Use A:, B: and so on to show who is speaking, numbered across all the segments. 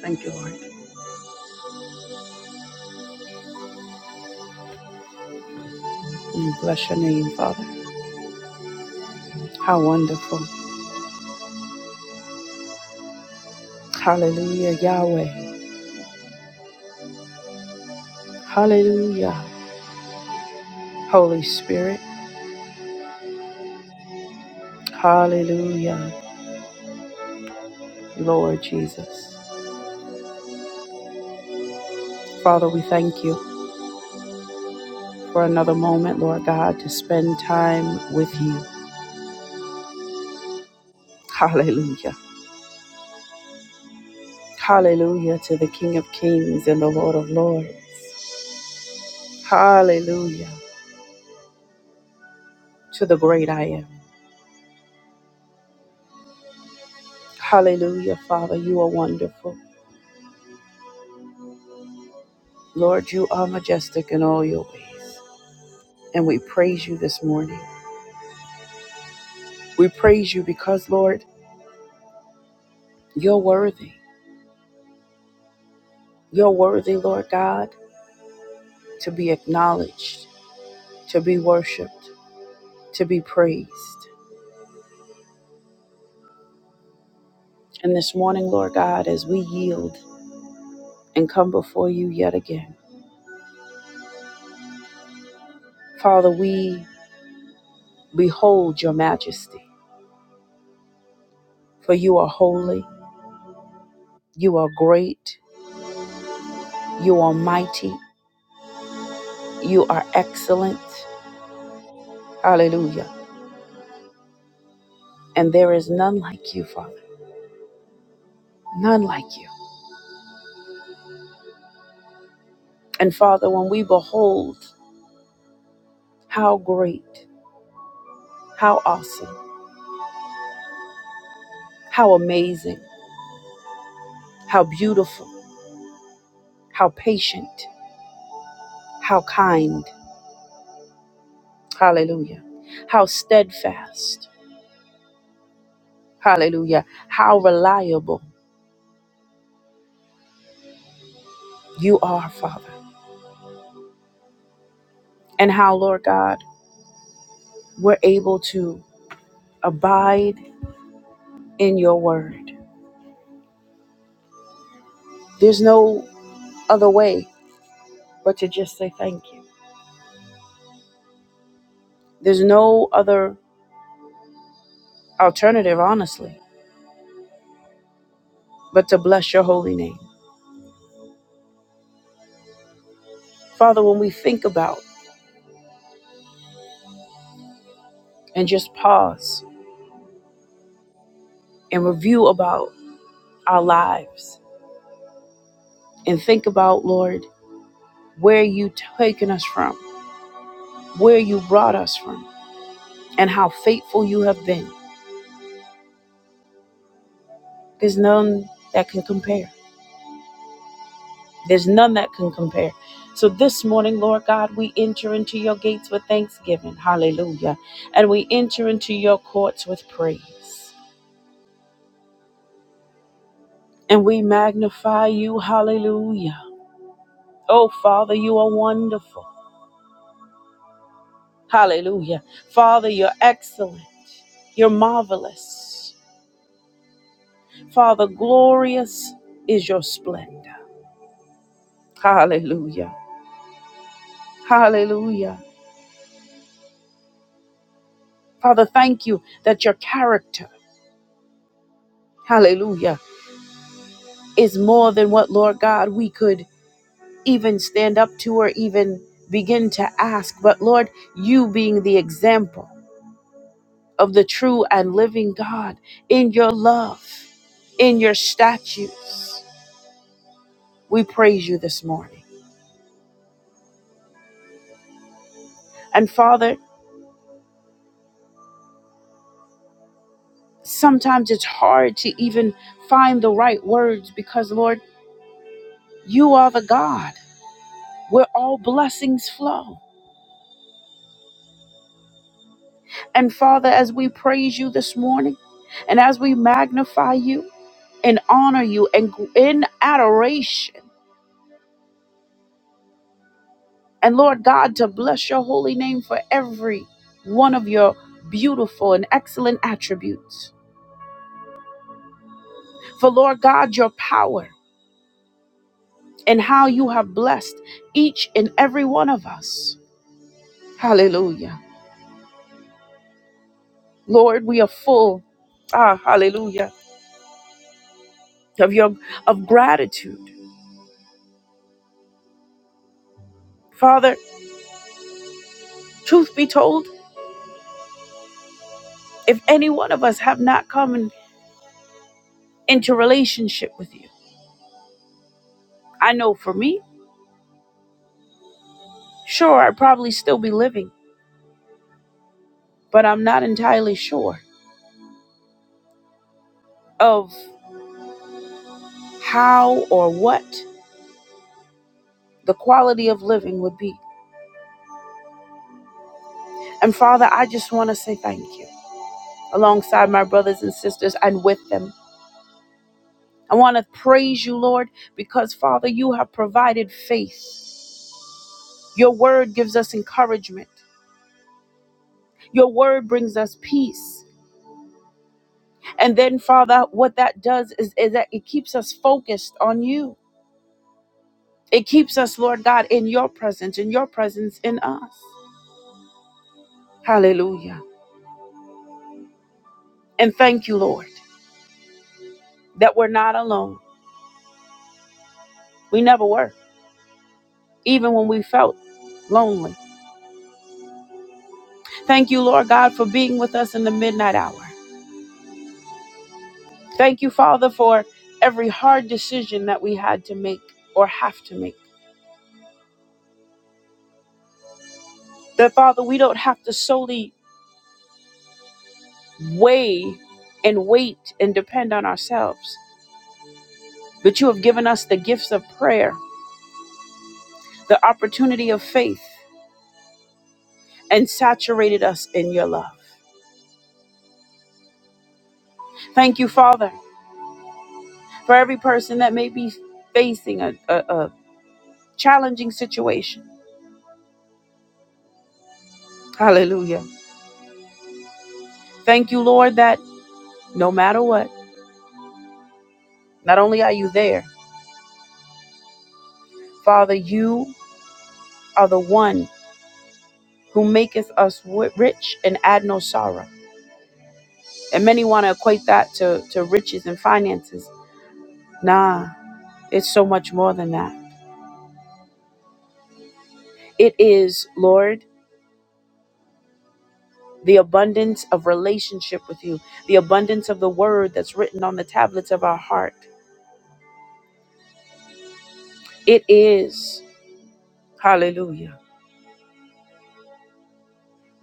A: Thank you, Lord. We bless your name, Father. How wonderful. Hallelujah, Yahweh. Hallelujah, Holy Spirit. Hallelujah, Lord Jesus. Father, we thank you for another moment, Lord God, to spend time with you. Hallelujah. Hallelujah to the King of Kings and the Lord of Lords. Hallelujah to the great I am. Hallelujah, Father, you are wonderful. Lord, you are majestic in all your ways. and we praise you this morning. We praise you because, Lord, you're worthy. You're worthy, Lord God, to be acknowledged, to be worshiped, to be praised. And this morning, Lord God, as we yield and come before you yet again, Father, we behold your majesty, for you are holy, you are great, you are mighty, you are excellent. Hallelujah. And there is none like you, Father, none like you. And Father, when we behold how great, how awesome, how amazing, how beautiful, how patient, how kind, hallelujah, how steadfast, hallelujah, how reliable you are, Father, and how, Lord God, we're able to abide in your word. There's no other way but to just say thank you. There's no other alternative, honestly, but to bless your holy name. Father, when we think about and just pause and review about our lives and think about, Lord, where you taken us from, where you brought us from, and how faithful you have been. There's none that can compare. There's none that can compare. So this morning, Lord God, we enter into your gates with thanksgiving. Hallelujah. And we enter into your courts with praise. And we magnify you. Hallelujah. Oh, Father, you are wonderful. Hallelujah. Father, you're excellent. You're marvelous. Father, glorious is your splendor. Hallelujah. Hallelujah. Father, thank you that your character, hallelujah, is more than what, Lord God, we could even stand up to or even begin to ask. But Lord, you being the example of the true and living God in your love, in your statutes, we praise you this morning. And Father, sometimes it's hard to even find the right words because, Lord, you are the God where all blessings flow. And Father, as we praise you this morning and as we magnify you and honor you and gr- in adoration, and Lord God, to bless your holy name for every one of your beautiful and excellent attributes. For Lord God, your power and how you have blessed each and every one of us. Hallelujah. Lord, we are full. Ah, hallelujah. Of your of gratitude. Father, truth be told, if any one of us have not come in, into relationship with you, I know for me, sure I'd probably still be living, but I'm not entirely sure of how or what the quality of living would be. And Father, I just want to say thank you alongside my brothers and sisters and with them. I want to praise you, Lord, because Father, you have provided faith Your word gives us encouragement. Your word brings us peace. And then, Father, what that does is, is that it keeps us focused on you. It keeps us, Lord God, in your presence, in your presence in us. Hallelujah. And thank you, Lord, that we're not alone. We never were, even when we felt lonely. Thank you, Lord God, for being with us in the midnight hour. Thank you, Father, for every hard decision that we had to make or have to make. That, Father, we don't have to solely weigh and wait and depend on ourselves. But you have given us the gifts of prayer, the opportunity of faith, and saturated us in your love. Thank you, Father, for every person that may be facing a, a, a challenging situation. Hallelujah. Thank you, Lord, that no matter what, not only are you there, Father, you are the one who maketh us wi- rich and add no sorrow. And many want to equate that to, to riches and finances. Nah, It's so much more than that. It is, Lord, the abundance of relationship with you, the abundance of the word that's written on the tablets of our heart. It is, hallelujah,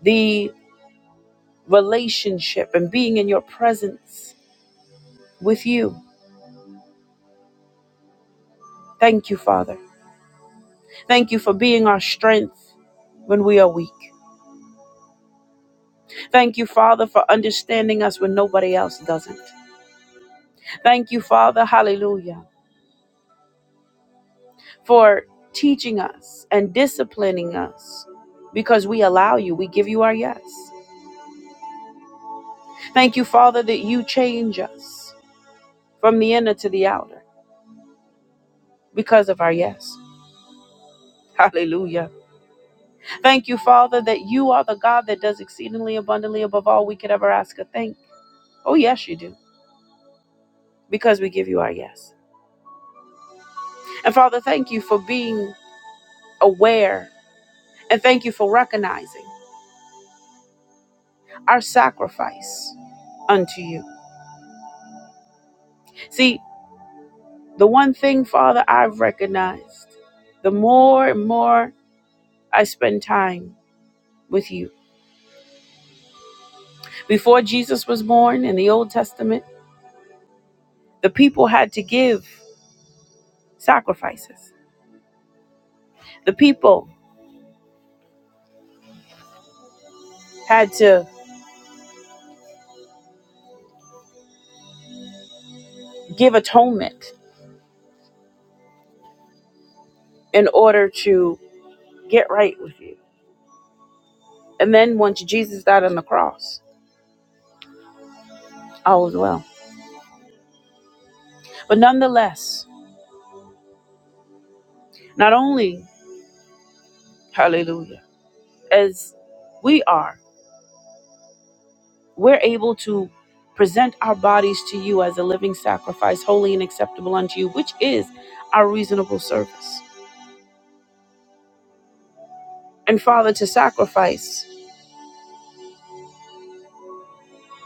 A: the relationship and being in your presence with you. Thank you, Father. Thank you for being our strength when we are weak. Thank you, Father, for understanding us when nobody else doesn't. Thank you, Father, hallelujah for teaching us and disciplining us because we allow you. We give you our yes. Thank you, Father, that you change us from the inner to the outer because of our yes. Hallelujah. Thank you, Father, that you are the God that does exceedingly abundantly above all we could ever ask or think. Oh, yes, you do, because we give you our yes. And Father, thank you for being aware and thank you for recognizing our sacrifice unto you. See, The one thing, Father, I've recognized the more and more I spend time with you. Before Jesus was born in the Old Testament, the people had to give sacrifices, the people had to give atonement in order to get right with you. And then once Jesus died on the cross, all was well. But nonetheless, not only, hallelujah, as we are. we're able to present our bodies to you as a living sacrifice, holy and acceptable unto you, which is our reasonable service. And Father, to sacrifice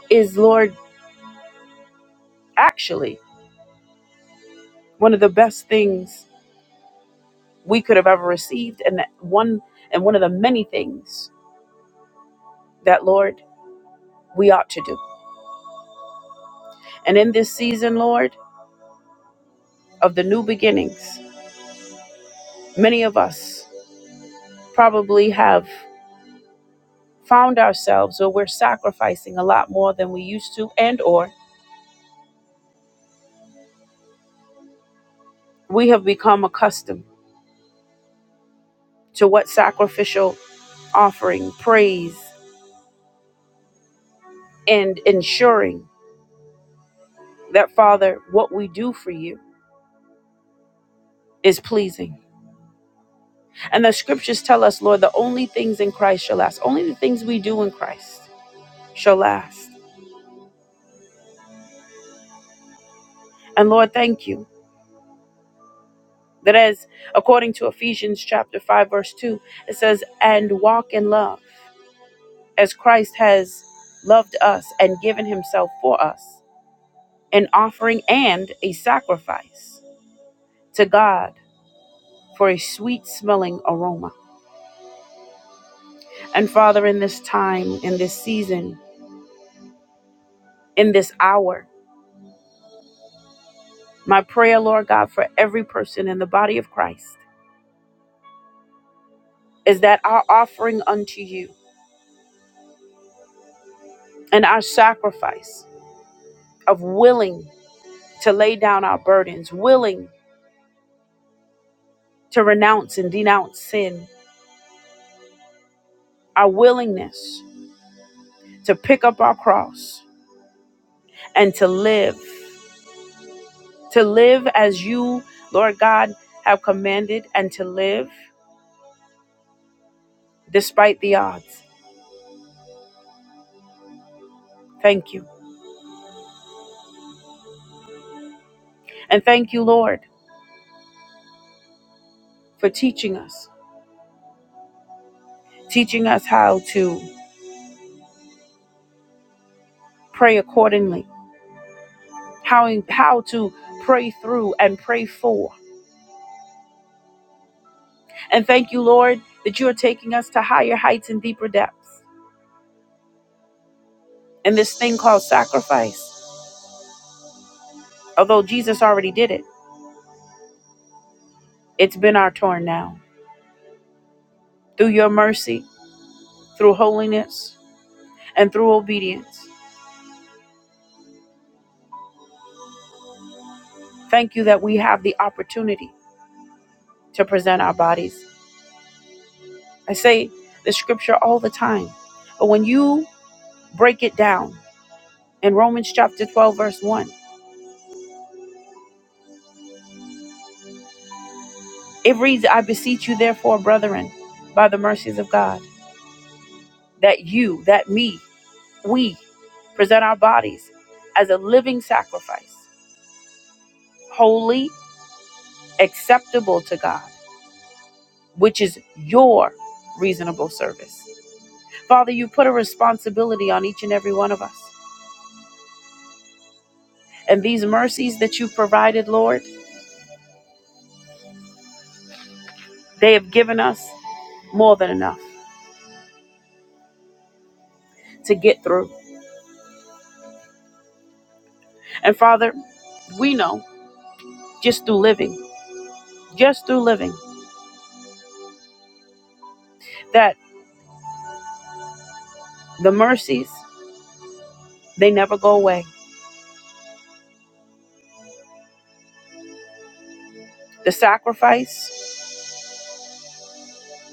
A: is, Lord, actually one of the best things we could have ever received, and that one and one of the many things that, Lord, we ought to do. And in this season, Lord, of the new beginnings, many of us probably have found ourselves or we're sacrificing a lot more than we used to and or We have become accustomed to what sacrificial offering, praise, and ensuring that, Father, what we do for you is pleasing. And the scriptures tell us, Lord, the only things in Christ shall last. Only the things we do in Christ shall last. And Lord, thank you that as according to Ephesians chapter 5 verse 2, it says, "And walk in love as Christ has loved us and given himself for us, an offering and a sacrifice." to God for a sweet smelling aroma. And Father, in this time, in this season, in this hour, my prayer, Lord God, for every person in the body of Christ is that our offering unto you and our sacrifice of willing to lay down our burdens, willing to renounce and denounce sin, our willingness to pick up our cross and to live, to live as you, Lord God, have commanded and to live. despite the odds. Thank you. And thank you, Lord, for teaching us, teaching us how to pray accordingly, how, how to pray through and pray for. And thank you, Lord, that you are taking us to higher heights and deeper depths. And this thing called sacrifice, although Jesus already did it, it's been our turn now. Through your mercy, through holiness, and through obedience. Thank you that we have the opportunity to present our bodies I say the scripture all the time. But when you break it down in Romans chapter 12, verse 1, it reads, I beseech you, therefore, brethren, by the mercies of God, that you, that me, we present our bodies as a living sacrifice, holy, acceptable to God, which is your reasonable service. Father, you put a responsibility on each and every one of us. And these mercies that you've provided, Lord, they have given us more than enough. to get through. And Father, we know just through living, just through living, that the mercies, they never go away. The sacrifice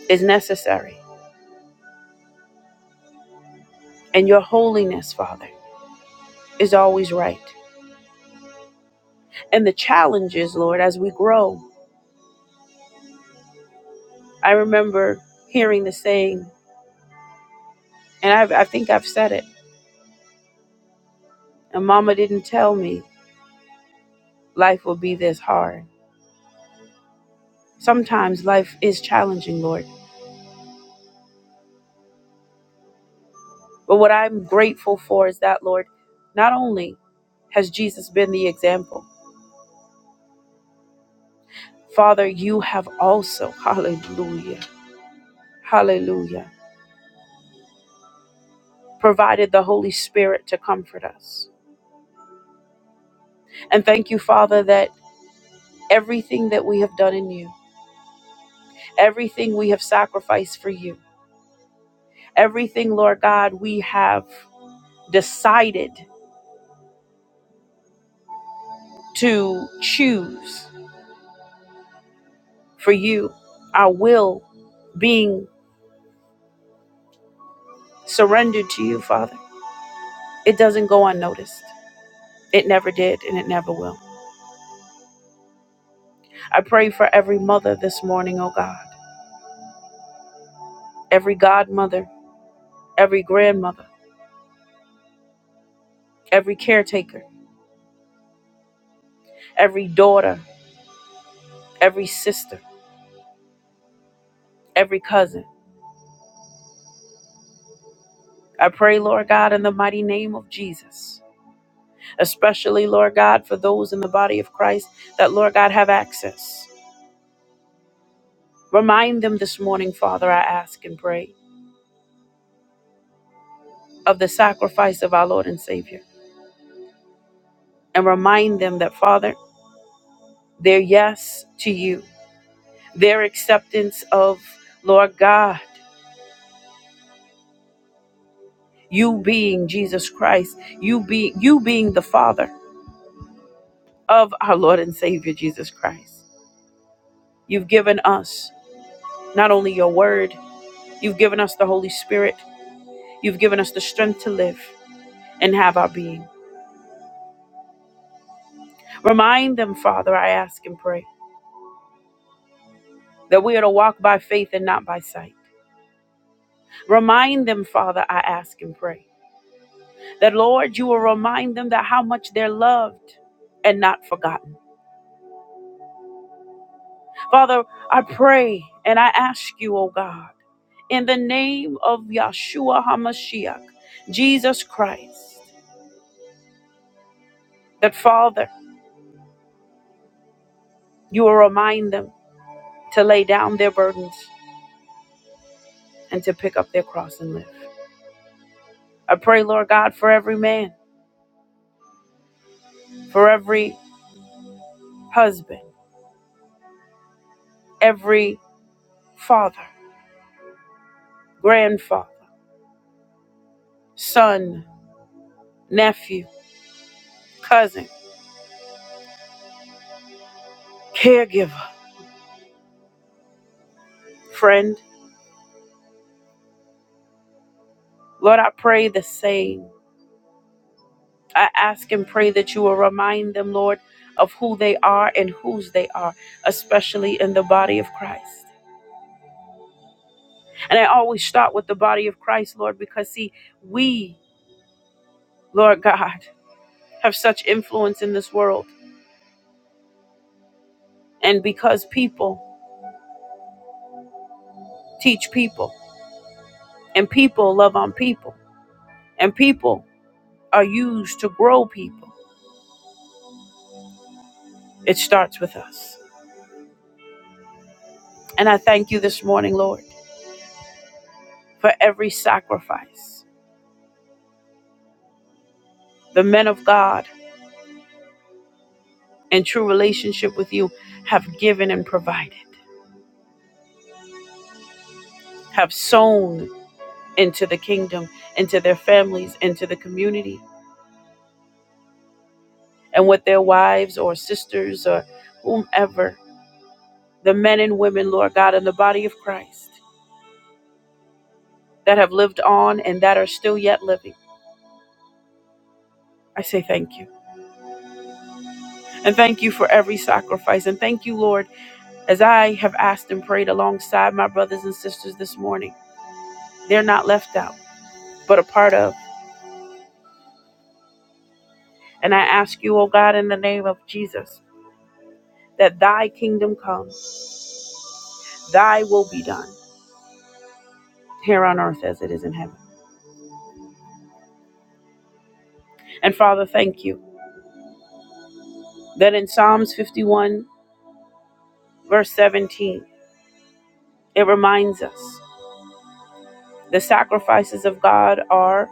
A: is necessary. And your holiness, Father, is always right. And the challenges, Lord, as we grow, I remember hearing the saying, and I've, I think I've said it, and Mama didn't tell me life will be this hard. Sometimes life is challenging, Lord But what I'm grateful for is that, Lord, not only has Jesus been the example, Father, you have also, hallelujah, hallelujah, provided the Holy Spirit to comfort us. And thank you, Father, that everything that we have done in you, everything we have sacrificed for you, everything, Lord God, we have decided to choose for you, our will being surrendered to you, Father, it doesn't go unnoticed. It never did and it never will. I pray for every mother this morning, oh God, every godmother, every grandmother, every caretaker, every daughter, every sister, every cousin. I pray, Lord God, in the mighty name of Jesus, especially, Lord God, for those in the body of Christ that, Lord God, have access. Remind them this morning, Father, I ask and pray, of the sacrifice of our Lord and Savior. And remind them that, Father, their yes to you their acceptance of Lord God, you being Jesus Christ, you be you being the Father of our Lord and Savior Jesus Christ. You've given us not only your word, you've given us the Holy Spirit, you've given us the strength to live and have our being. Remind them, Father, I ask and pray, that we are to walk by faith and not by sight. Remind them, Father, I ask and pray, that Lord, you will remind them that how much they're loved and not forgotten Father, I pray and I ask you, oh God, in the name of Yahshua HaMashiach, Jesus Christ, that Father, you will remind them to lay down their burdens and to pick up their cross and live. I pray, Lord God, for every man, for every husband, every father, grandfather, son, nephew, cousin, caregiver, friend. Lord, I pray the same I ask and pray that you will remind them, Lord, of who they are and whose they are, especially in the body of Christ. And I always start with the body of Christ, Lord, because see, we, Lord God, have such influence in this world. And because people teach people, and people love on people, and people are used to grow people, it starts with us. And I thank you this morning, Lord, for every sacrifice. The men of God, and true relationship with you have given and provided, have sown into the kingdom, into their families, into the community, and with their wives or sisters or whomever, the men and women, Lord God, in the body of Christ that have lived on and that are still yet living. I say thank you. And thank you for every sacrifice. And thank you, Lord, as I have asked and prayed alongside my brothers and sisters this morning. They're not left out, but a part of. And I ask you, oh God, in the name of Jesus, that thy kingdom come, thy will be done here on earth as it is in heaven. And Father, thank you that in Psalms 51, verse 17, it reminds us the sacrifices of God are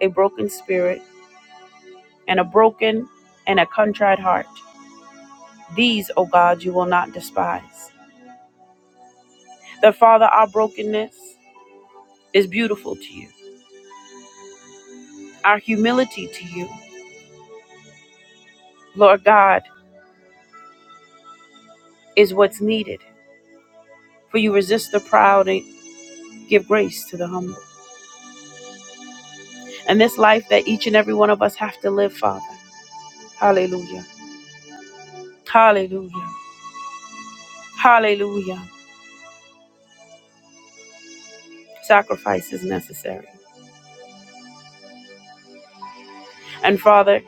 A: a broken spirit and a broken and a contrite heart. These, O God, you will not despise. That, Father, our brokenness is beautiful to you. Our humility to you, Lord God, is what's needed. For you resist the proud and give grace to the humble. and this life that each and every one of us have to live, Father. Hallelujah. Hallelujah. Hallelujah. Sacrifice is necessary. And Father,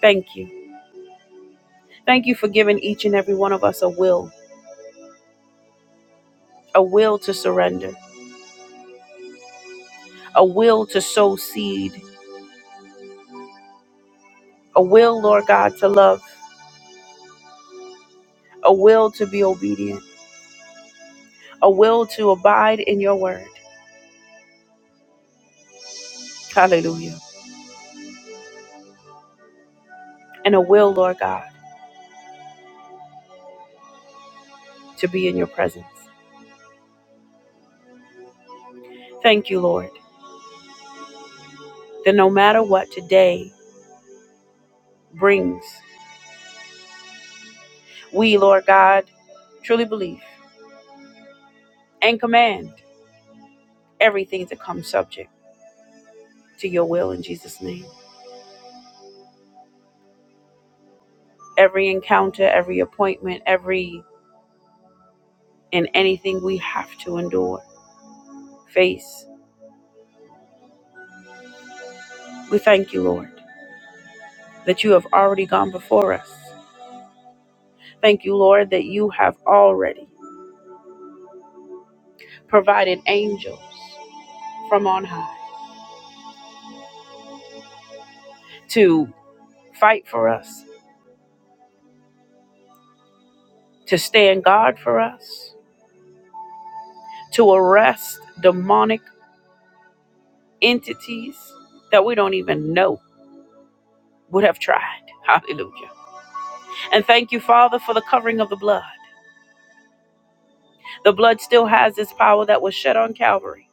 A: thank you. Thank you for giving each and every one of us a will, a will to surrender, a will to sow seed, a will, Lord God, to love, a will to be obedient, a will to abide in your word. Hallelujah. And a will, Lord God, to be in your presence. Thank you, Lord, that no matter what today brings, We, Lord God, truly believe and command everything to come subject to your will in Jesus' name. Every encounter, every appointment, every and anything we have to endure, face. We thank you, Lord, that you have already gone before us. Thank you, Lord, that you have already provided angels from on high to fight for us, to stand guard for us, to arrest demonic entities that we don't even know would have tried. Hallelujah. And thank you, Father, for the covering of the blood. The blood still has its power that was shed on Calvary.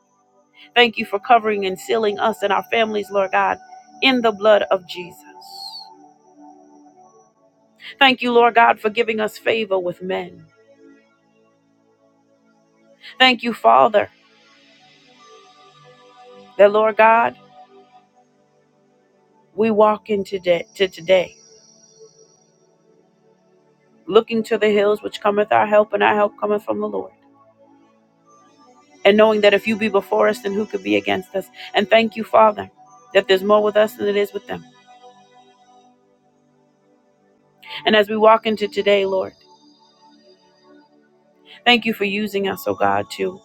A: Thank you for covering and sealing us and our families, Lord God, in the blood of Jesus. Thank you, Lord God, for giving us favor with men. Thank you, Father, that, Lord God, we walk into today, to today, looking to the hills which cometh our help, and our help cometh from the Lord. and knowing that if you be before us, then who could be against us? And thank you, Father, that there's more with us than it is with them. And as we walk into today, Lord, thank you for using us, oh God, to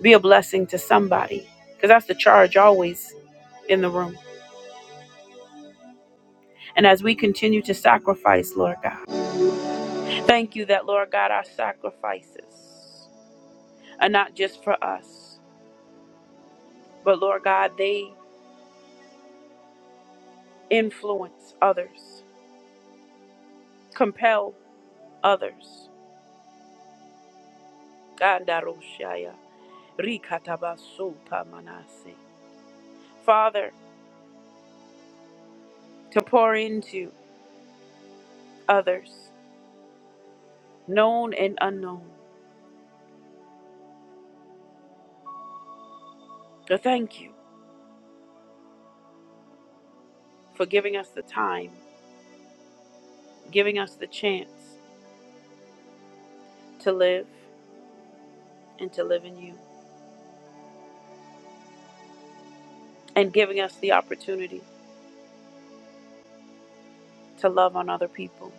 A: be a blessing to somebody, because that's the charge always in the room. And as we continue to sacrifice, Lord God, thank you that, Lord God, our sacrifices are not just for us, but Lord God, they influence others, compel others. Gandaroshaya. Rikatabasopamanase. Father, to pour into others, known and unknown. So thank you for giving us the time, giving us the chance to live and to live in you, and giving us the opportunity to love on other people.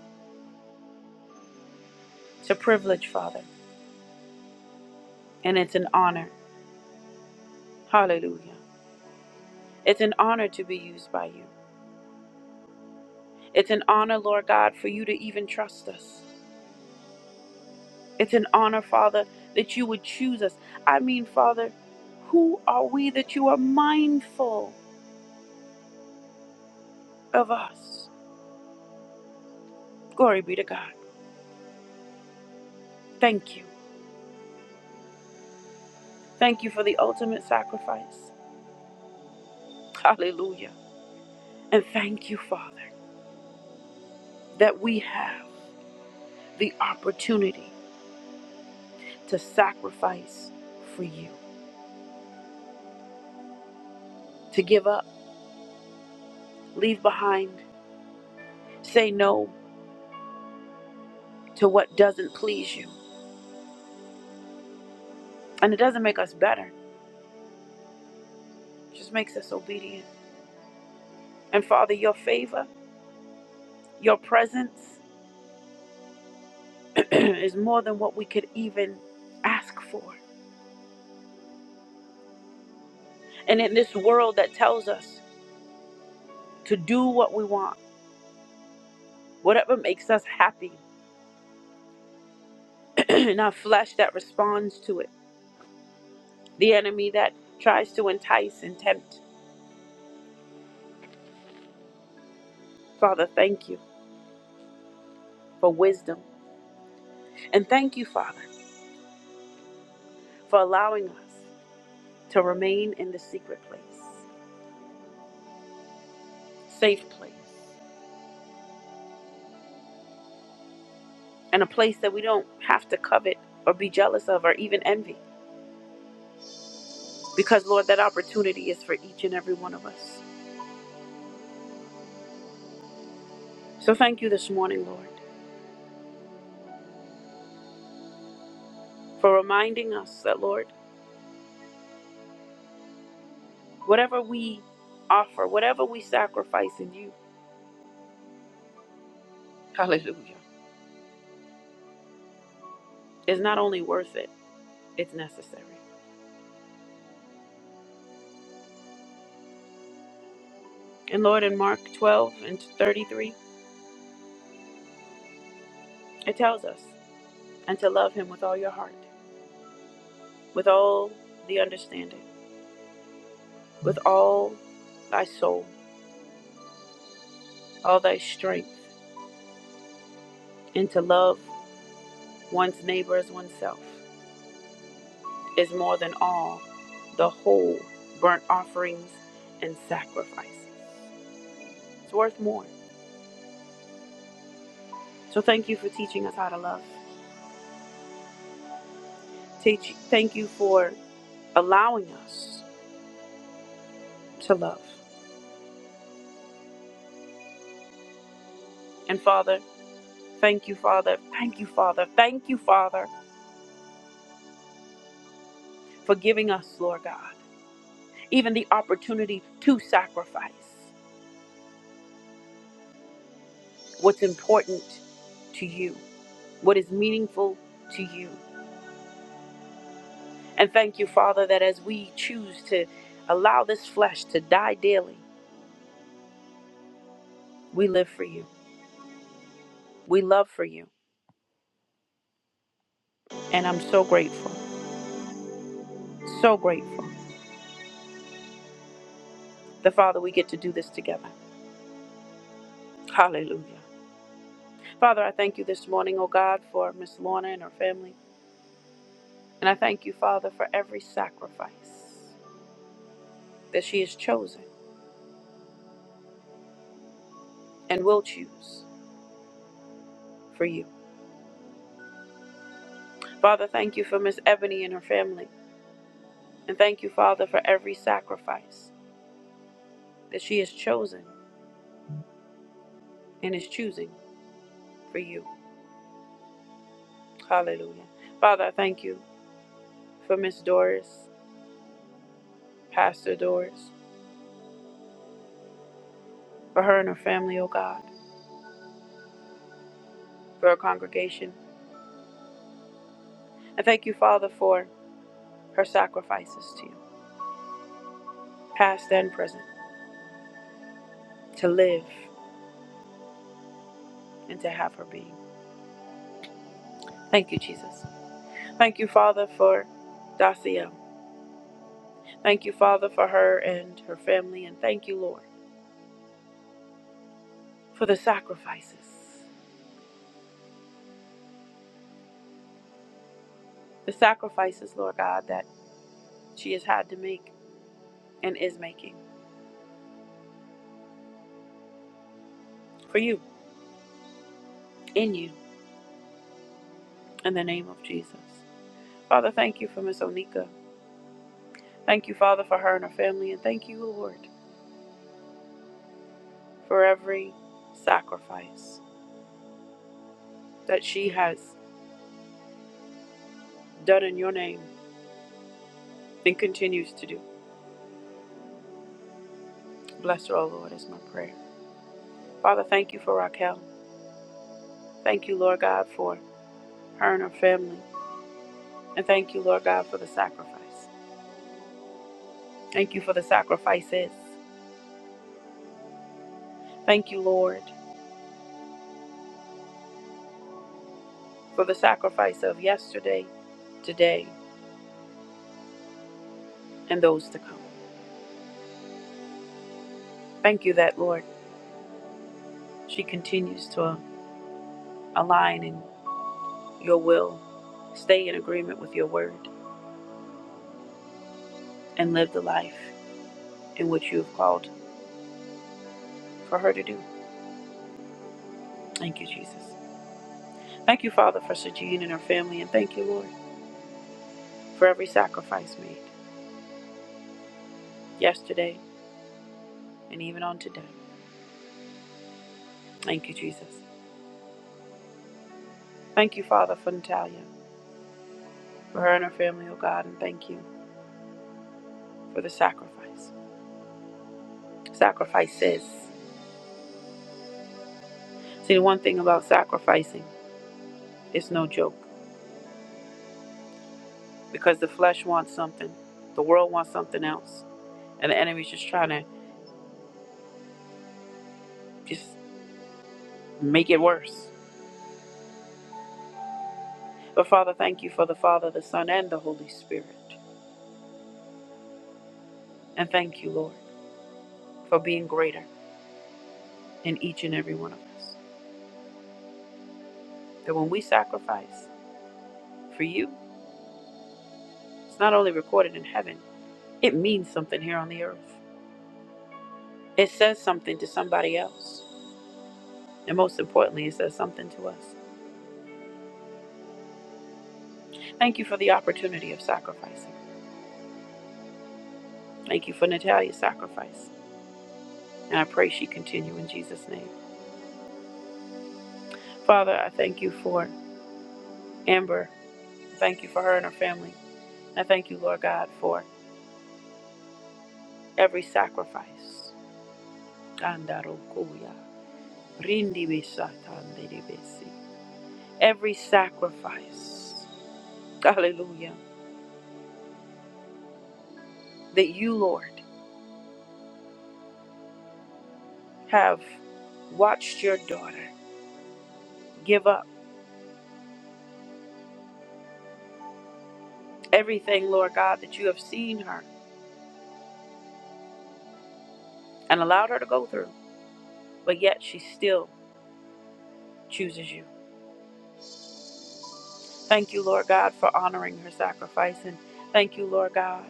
A: It's a privilege, Father, and it's an honor. Hallelujah. It's an honor to be used by you. It's an honor, Lord God, for you to even trust us. It's an honor, Father, that you would choose us. I mean, Father, who are we that you are mindful of us? Glory be to God. Thank you. Thank you for the ultimate sacrifice. Hallelujah. And thank you, Father, that we have the opportunity to sacrifice for you, to give up, leave behind, say no to what doesn't please you. And it doesn't make us better, it just makes us obedient. And Father, your favor, your presence. is more than what we could even ask for. And in this world that tells us to do what we want, whatever makes us happy, in our flesh that responds to it, the enemy that tries to entice and tempt. Father, thank you for wisdom. And thank you, Father, for allowing us to remain in the secret place, safe place, and a place that we don't have to covet or be jealous of or even envy. Because, Lord, that opportunity is for each and every one of us. So thank you this morning, Lord, for reminding us that, Lord, whatever we offer, whatever we sacrifice in you, hallelujah, is not only worth it, it's necessary. And Lord, in Mark 12 and 33, it tells us, and to love him with all your heart, with all the understanding, with all thy soul, all thy strength, and to love one's neighbor as oneself is more than all the whole burnt offerings and sacrifices. It's worth more. So thank you for teaching us how to love. Teach, thank you for allowing us to love. And Father, thank you, Father, thank you, Father, thank you, Father, for giving us, Lord God, even the opportunity to sacrifice what's important to you, what is meaningful to you. And thank you, Father, that as we choose to allow this flesh to die daily, we live for you. We love for you. And I'm so grateful, so grateful. The Father, we get to do this together. Hallelujah. Father, I thank you this morning, O God, for Miss Lorna and her family. And I thank you, Father, for every sacrifice that she has chosen and will choose for you. Father, thank you for Miss Ebony and her family. And thank you, Father, for every sacrifice that she has chosen and is choosing for you. Hallelujah. Father, I thank you for Miss Doris, Pastor Doris, for her and her family, O God, for her congregation. And thank you, Father, for her sacrifices to you, past and present, to live and to have her being. Thank you, Jesus. Thank you, Father, for Dacia. Thank you, Father, for her and her family. And thank you, Lord, for the sacrifices. The sacrifices, Lord God, that she has had to make and is making for you, in you, in the name of Jesus. Father, thank you for Miss Onika. Thank you, Father, for her and her family. And thank you, Lord, for every sacrifice that she has done in your name and continues to do. Bless her, O Lord, is my prayer. Father, thank you for Raquel. Thank you, Lord God, for her and her family. And thank you, Lord God, for the sacrifice. Thank you for the sacrifices. Thank you, Lord, for the sacrifice of yesterday, today, and those to come. Thank you that, Lord, she continues to uh, align in your will, stay in agreement with your word, and live the life in which you have called for her to do. Thank you, Jesus. Thank you, Father, for Sajid and her family, and thank you, Lord, for every sacrifice made yesterday and even on today. Thank you, Jesus. Thank you, Father, for Natalia, for her and her family, oh God, and thank you for the sacrifice. Sacrifices. See, the one thing about sacrificing, it's no joke because the flesh wants something, the world wants something else, and the enemy's just trying to just make it worse. But Father, thank you for the Father, the Son, and the Holy Spirit. And thank you, Lord, for being greater. in each and every one of us. That when we sacrifice for you, it's not only recorded in heaven, it means something here on the earth. It says something to somebody else. And most importantly, it says something to us. Thank you for the opportunity of sacrificing. Thank you for Natalia's sacrifice. And I pray she continue in Jesus' name. Father, I thank you for Amber. Thank you for her and her family. I thank you, Lord God, for every sacrifice. Kandarokuya, rindibisatandidibisi. every sacrifice, hallelujah, that you, Lord, have watched your daughter give up everything, Lord God, that you have seen her and allowed her to go through, but yet she still chooses you. Thank you, Lord God, for honoring her sacrifice, and thank you, Lord God,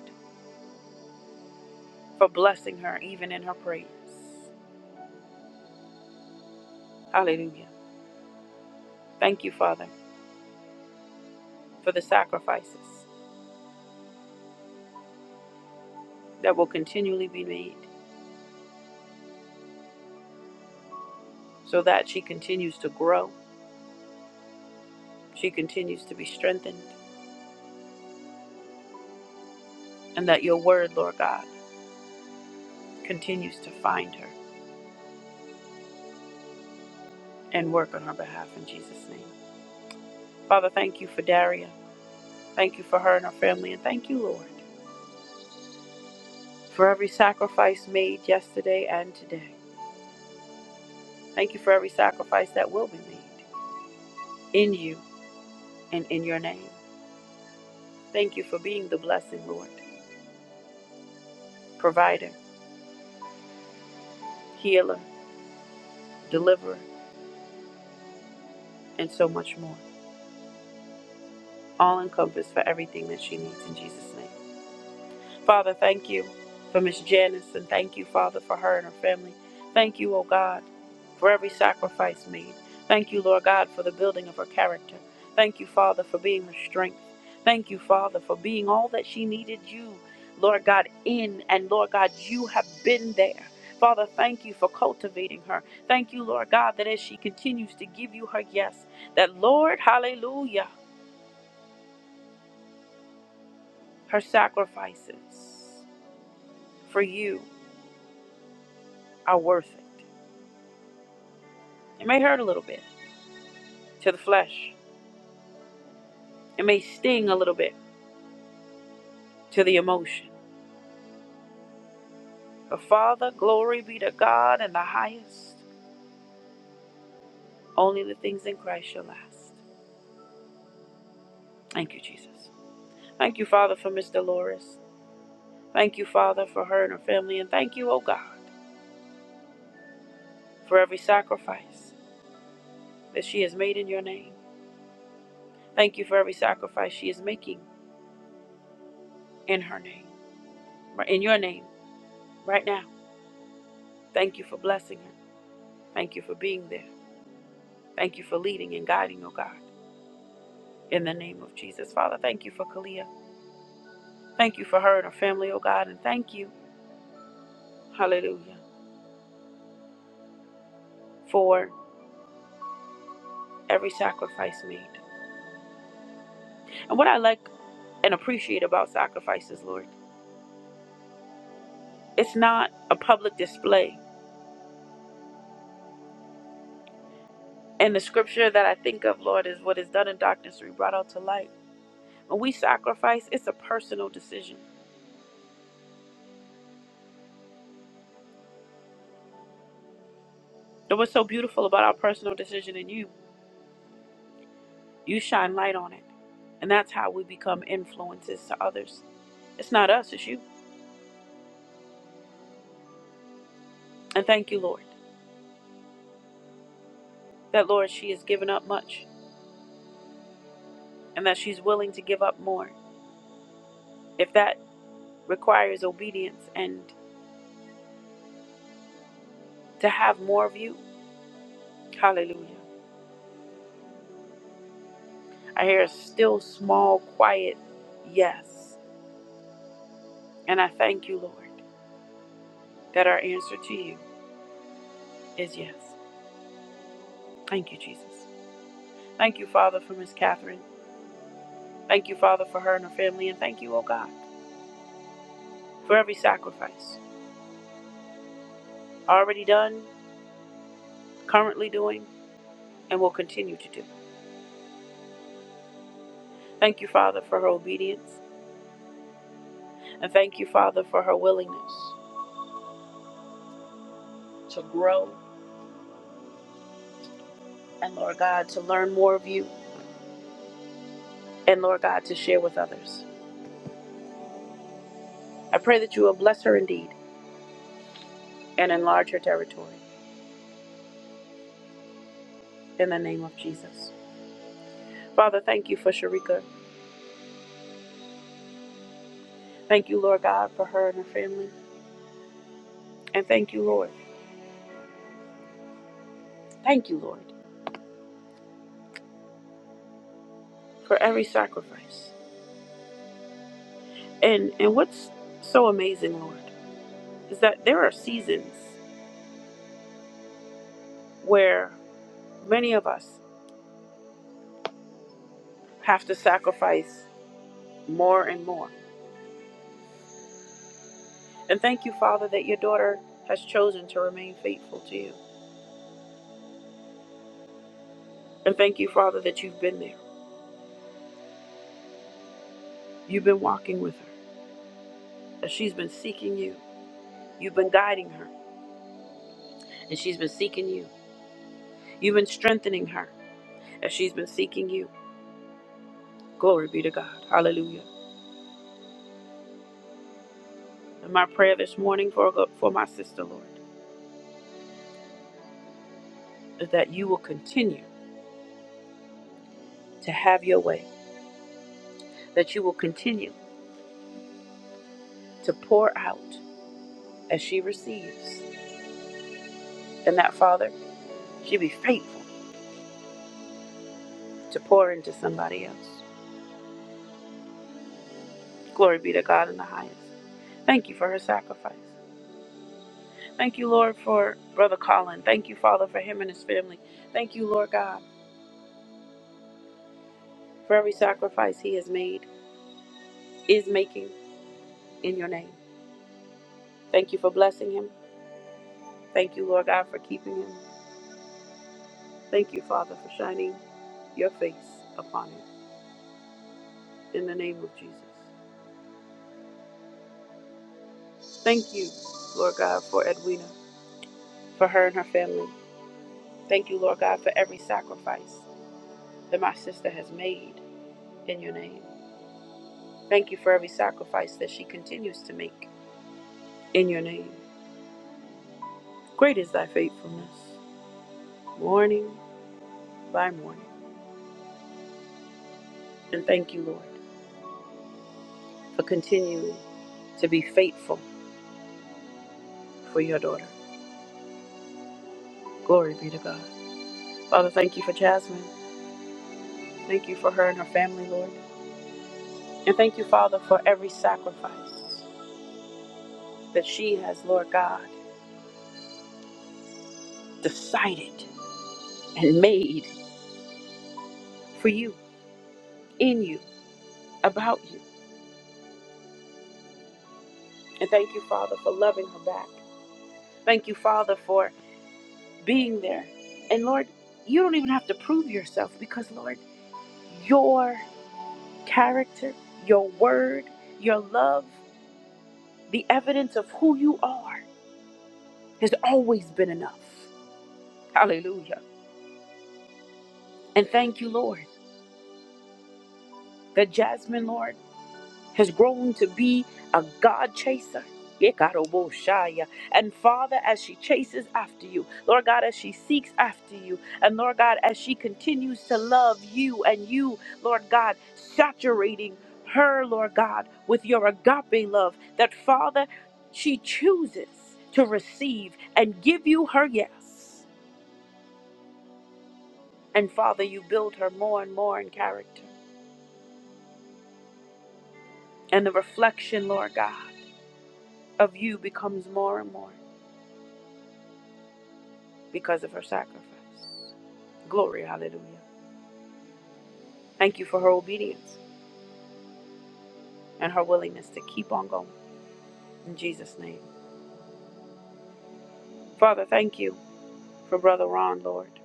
A: for blessing her even in her praise. Hallelujah. Thank you, Father, for the sacrifices that will continually be made so that she continues to grow, she continues to be strengthened. and that your word, Lord God, continues to find her and work on her behalf in Jesus' name. Father, thank you for Daria. Thank you for her and her family, and thank you, Lord, for every sacrifice made yesterday and today. Thank you for every sacrifice that will be made in you and in your name. Thank you for being the blessing, Lord, provider, healer, deliverer, and so much more. All encompassed for everything that she needs in Jesus' name. Father, thank you for Miss Janice and thank you, Father, for her and her family. Thank you, O God, for every sacrifice made. Thank you, Lord God, for the building of her character. Thank you, Father, for being her strength. Thank you, Father, for being all that she needed you, Lord God, in. And Lord God, you have been there. Father, thank you for cultivating her. Thank you, Lord God, that as she continues to give you her yes, that Lord, hallelujah, her sacrifices for you are worth it. It may hurt a little bit to the flesh. It may sting a little bit to the emotion. But Father, glory be to God in the highest. Only the things in Christ shall last. Thank you, Jesus. Thank you, Father, for Miss Dolores. Thank you, Father, for her and her family. And thank you, O God, for every sacrifice that she has made in your name. Thank you for every sacrifice she is making in her name, Right, in your name, right now. Thank you for blessing her. Thank you for being there. Thank you for leading and guiding, O God. In the name of Jesus, Father, thank you for Kalia. Thank you for her and her family, oh God, and thank you, hallelujah, for every sacrifice made. And what I like and appreciate about sacrifices, Lord, it's not a public display. And the scripture that I think of, Lord, is what is done in darkness, we brought out to light. When we sacrifice, it's a personal decision. And what's so beautiful about our personal decision in you, you shine light on it. And that's how we become influences to others. It's not us, it's you. And thank you, Lord. that, Lord, she has given up much and that she's willing to give up more. If that requires obedience and to have more of you, hallelujah. I hear a still, small, quiet yes. And I thank you, Lord, that our answer to you is yes. Thank you, Jesus. Thank you, Father, for Miss Catherine. Thank you, Father, for her and her family. And thank you, oh God, for every sacrifice already done, currently doing, and will continue to do. Thank you, Father, for her obedience. And thank you, Father, for her willingness to grow and, Lord God, to learn more of you and, Lord God, to share with others. I pray that you will bless her indeed and enlarge her territory in the name of Jesus. Father, thank you for Sharika. Thank you, Lord God, for her and her family. And thank you, Lord. Thank you, Lord, for every sacrifice. And and what's so amazing, Lord, is that there are seasons where many of us have to sacrifice more and more. And thank you, Father, that your daughter has chosen to remain faithful to you. And thank you, Father, that you've been there. You've been walking with her. As she's been seeking you, you've been guiding her. And she's been seeking you. You've been strengthening her as she's been seeking you. Glory be to God. Hallelujah. And my prayer this morning for, for my sister, Lord, is that you will continue to have your way, that you will continue to pour out as she receives, and that, Father, she be faithful to pour into somebody else. Glory be to God in the highest. Thank you for her sacrifice. Thank you, Lord, for Brother Colin. Thank you, Father, for him and his family. Thank you, Lord God, for every sacrifice he has made, is making in your name. Thank you for blessing him. Thank you, Lord God, for keeping him. Thank you, Father, for shining your face upon him in the name of Jesus. Thank you, Lord God, for Edwina, for her and her family. Thank you, Lord God, for every sacrifice that my sister has made in your name. Thank you for every sacrifice that she continues to make in your name. Great is thy faithfulness, morning by morning. And thank you, Lord, for continuing to be faithful for your daughter. Glory be to God. Father, thank you for Jasmine. Thank you for her and her family, Lord. And thank you, Father, for every sacrifice that she has, Lord God, decided and made for you, in you, about you. And thank you, Father, for loving her back. Thank you, Father, for being there. And Lord, you don't even have to prove yourself because, Lord, your character, your word, your love, the evidence of who you are has always been enough. Hallelujah. And thank you, Lord, that Jasmine, Lord. has grown to be a God chaser. Yekaroboshaya. And Father, as she chases after you, Lord God, as she seeks after you, and Lord God, as she continues to love you and you, Lord God, saturating her, Lord God, with your agape love, that Father, she chooses to receive and give you her yes. And Father, you build her more and more in character. And the reflection, Lord God, of you becomes more and more. because of her sacrifice. Glory, hallelujah. Thank you for her obedience and her willingness to keep on going. In Jesus' name. Father, thank you for Brother Ron, Lord.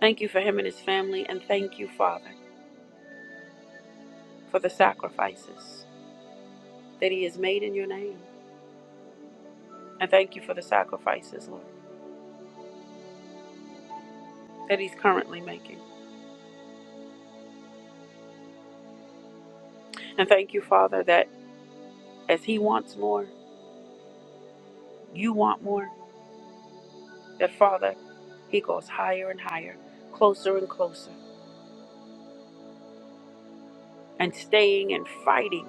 A: Thank you for him and his family, and thank you, Father, for the sacrifices that he has made in your name. And thank you for the sacrifices, Lord, that he's currently making. And thank you, Father, that as he wants more, you want more, that, Father, he goes higher and higher, closer and closer. and staying and fighting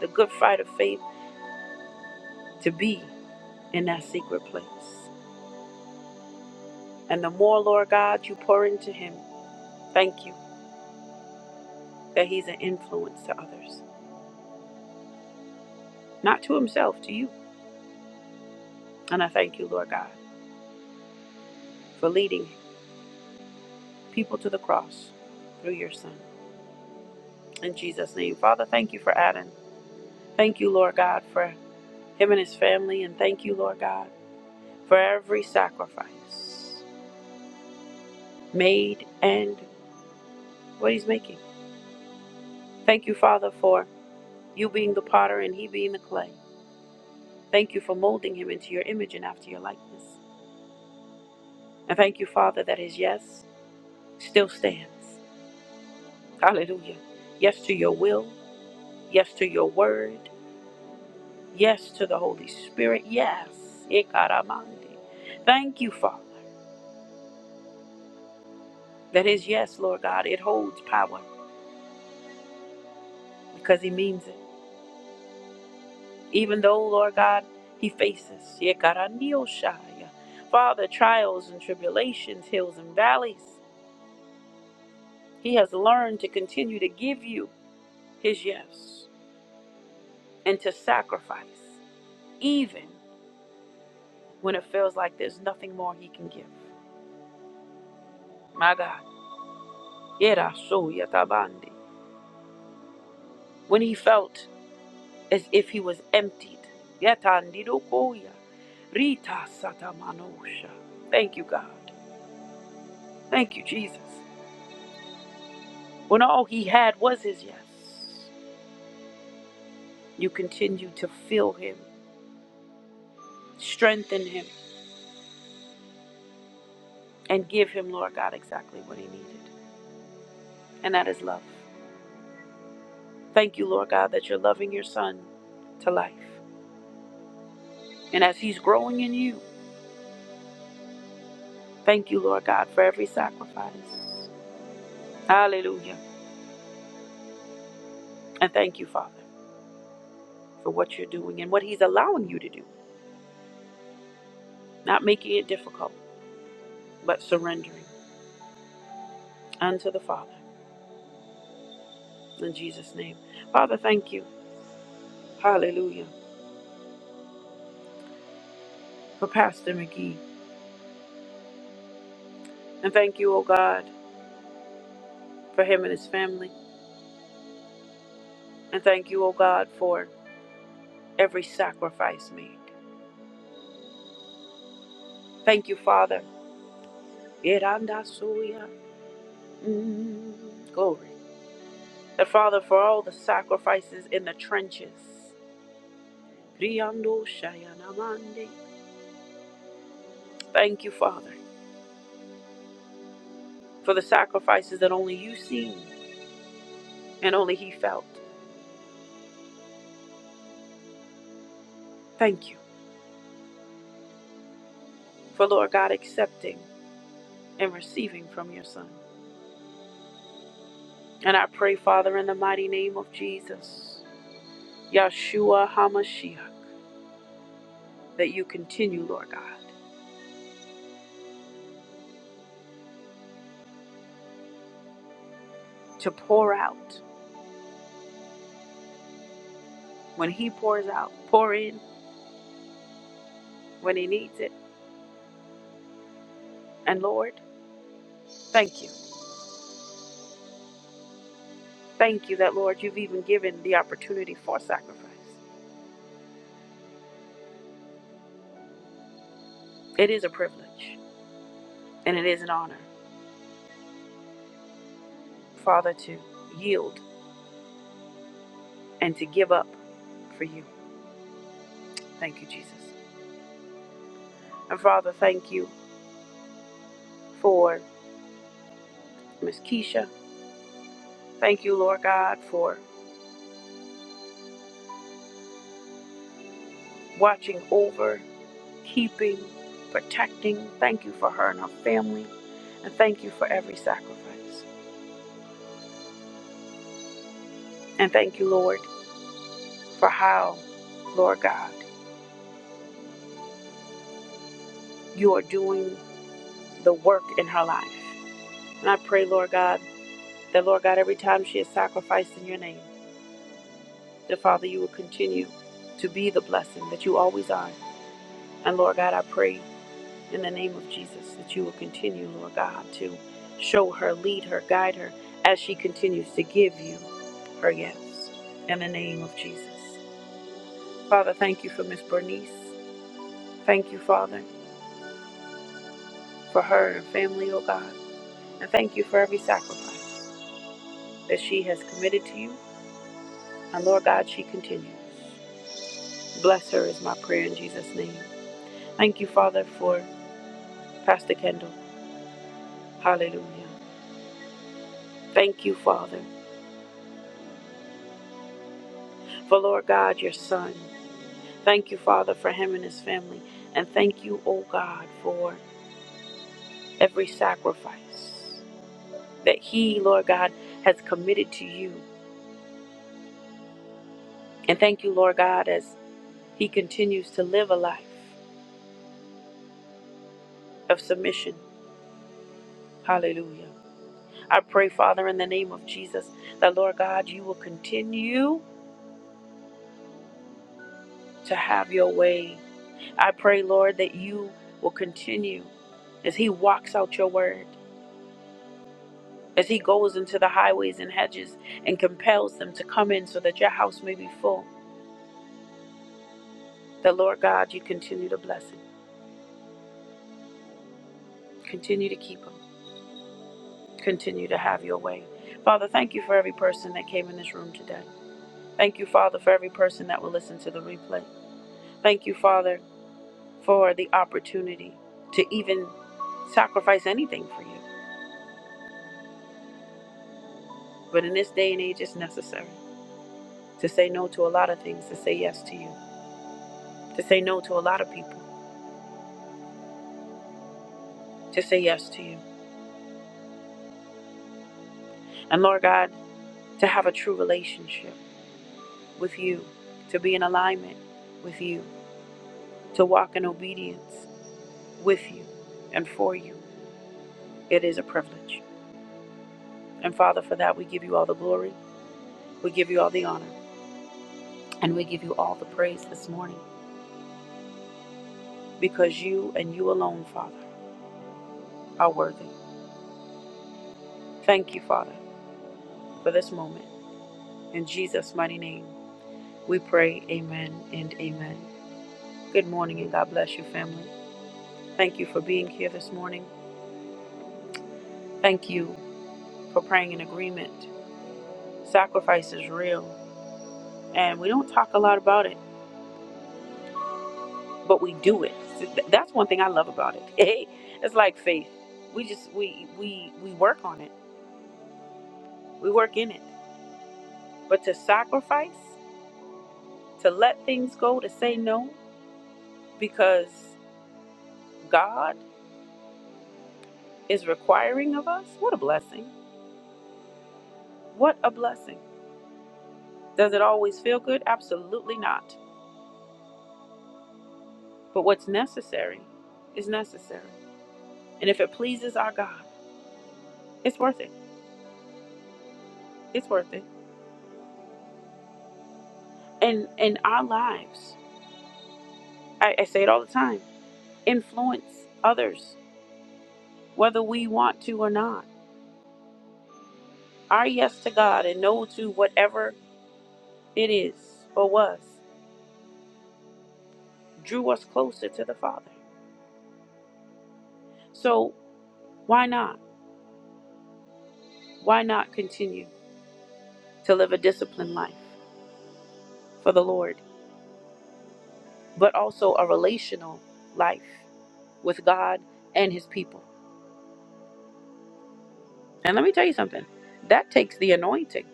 A: the good fight of faith to be in that secret place. And the more, Lord God, you pour into him, thank you that he's an influence to others, not to himself, to you. And I thank you, Lord God, for leading people to the cross through your son. In Jesus' name, Father, thank you for Adam. Thank you, Lord God, for him and his family. And thank you, Lord God, for every sacrifice made and what he's making. Thank you, Father, for you being the potter and he being the clay. Thank you for molding him into your image and after your likeness. And thank you, Father, that his yes still stands. Hallelujah. Yes to your will. Yes to your word. Yes to the Holy Spirit. Yes. Ikaramande. Thank you, Father, that his yes, Lord God, it holds power because he means it. Even though, Lord God, he faces. Ikaranioshaya. Father, trials and tribulations, hills and valleys. He has learned to continue to give you his yes and to sacrifice, even when it feels like there's nothing more he can give. My God. Yerasu yatabandi. When he felt as if he was emptied. Yatandidokoya. Rita satamanosha. Thank you, God. Thank you, Jesus. When all he had was his yes, you continue to fill him, strengthen him, and give him, Lord God, exactly what he needed. and that is love. Thank you, Lord God, that you're loving your son to life. And as he's growing in you, thank you, Lord God, for every sacrifice. Hallelujah. And thank you, Father, for what you're doing and what he's allowing you to do. Not making it difficult, but surrendering unto the Father. In Jesus' name. Father, thank you. Hallelujah. For Pastor McGee. And thank you, O God, for him and his family. And thank you, O God, for every sacrifice made. Thank you, Father Irandasuya. Mm, glory. And Father, for all the sacrifices in the trenches. Riyando shayanamande. Thank you, Father, for the sacrifices that only you seen and only He felt. Thank you for, Lord God, accepting and receiving from your Son. And I pray, Father, in the mighty name of Jesus, Yeshua HaMashiach, that you continue, Lord God, to pour out when He pours out, pour in when He needs it And Lord, thank you. Thank you that, Lord, you've even given the opportunity for sacrifice. It is a privilege and it is an honor, Father, to yield and to give up for you. Thank you, Jesus. And Father, thank you for Miss Keisha. Thank you, Lord God, for watching over, keeping, protecting. Thank you for her and her family. And thank you for every sacrifice. And thank you, Lord, for how, Lord God, you are doing the work in her life. And I pray, Lord God, that, Lord God, every time she is sacrificed in your name, that, Father, you will continue to be the blessing that you always are. And, Lord God, I pray in the name of Jesus that you will continue, Lord God, to show her, lead her, guide her as she continues to give you her yes. In the name of Jesus. Father, thank you for Miss Bernice. Thank you, Father, for her and family, oh God. And thank you for every sacrifice that she has committed to you And Lord God, she continues. Bless her is my prayer in Jesus' name. Thank you, Father, for Pastor Kendall. Hallelujah. Thank you, Father, for Lord God, your son. Thank you, Father, for him and his family. And thank you, O God, for every sacrifice that he, Lord God, has committed to you. And thank you, Lord God, as he continues to live a life of submission. Hallelujah. I pray, Father, in the name of Jesus, that Lord God, you will continue. to have your way. I pray, Lord, that you will continue as he walks out your word, as he goes into the highways and hedges and compels them to come in so that your house may be full. That, Lord God, you continue to bless him, continue to keep him, continue to have your way. Father, thank you for every person that came in this room today. Thank you, Father, for every person that will listen to the replay. Thank you, Father, for the opportunity to even sacrifice anything for you. But in this day and age, it's necessary. to say no to a lot of things, to say yes to you, to say no to a lot of people, to say yes to you. And Lord God, to have a true relationship with you, to be in alignment with you, to walk in obedience with you and for you. It is a privilege. And Father, for that, we give you all the glory, we give you all the honor, and we give you all the praise this morning because you and you alone, Father, are worthy. Thank you, Father, for this moment. In Jesus' mighty name. We pray, Amen and Amen. Good morning and God bless you, family. Thank you for being here this morning. Thank you for praying in agreement. Sacrifice is real, and we don't talk a lot about it, but we do it. That's one thing I love about it. it's like faith. We just we we we work on it. We work in it. But to sacrifice, to let things go, to say no because God is requiring of us. What a blessing. What a blessing. Does it always feel good? Absolutely not. But what's necessary is necessary. And if it pleases our God, it's worth it. It's worth it. And in our lives, I, I say it all the time influence others, whether we want to or not. Our yes to God and no to whatever it is or was drew us closer to the Father. So why not? Why not continue to live a disciplined life for the Lord, but also a relational life? with God and his people. And let me tell you something that takes the anointing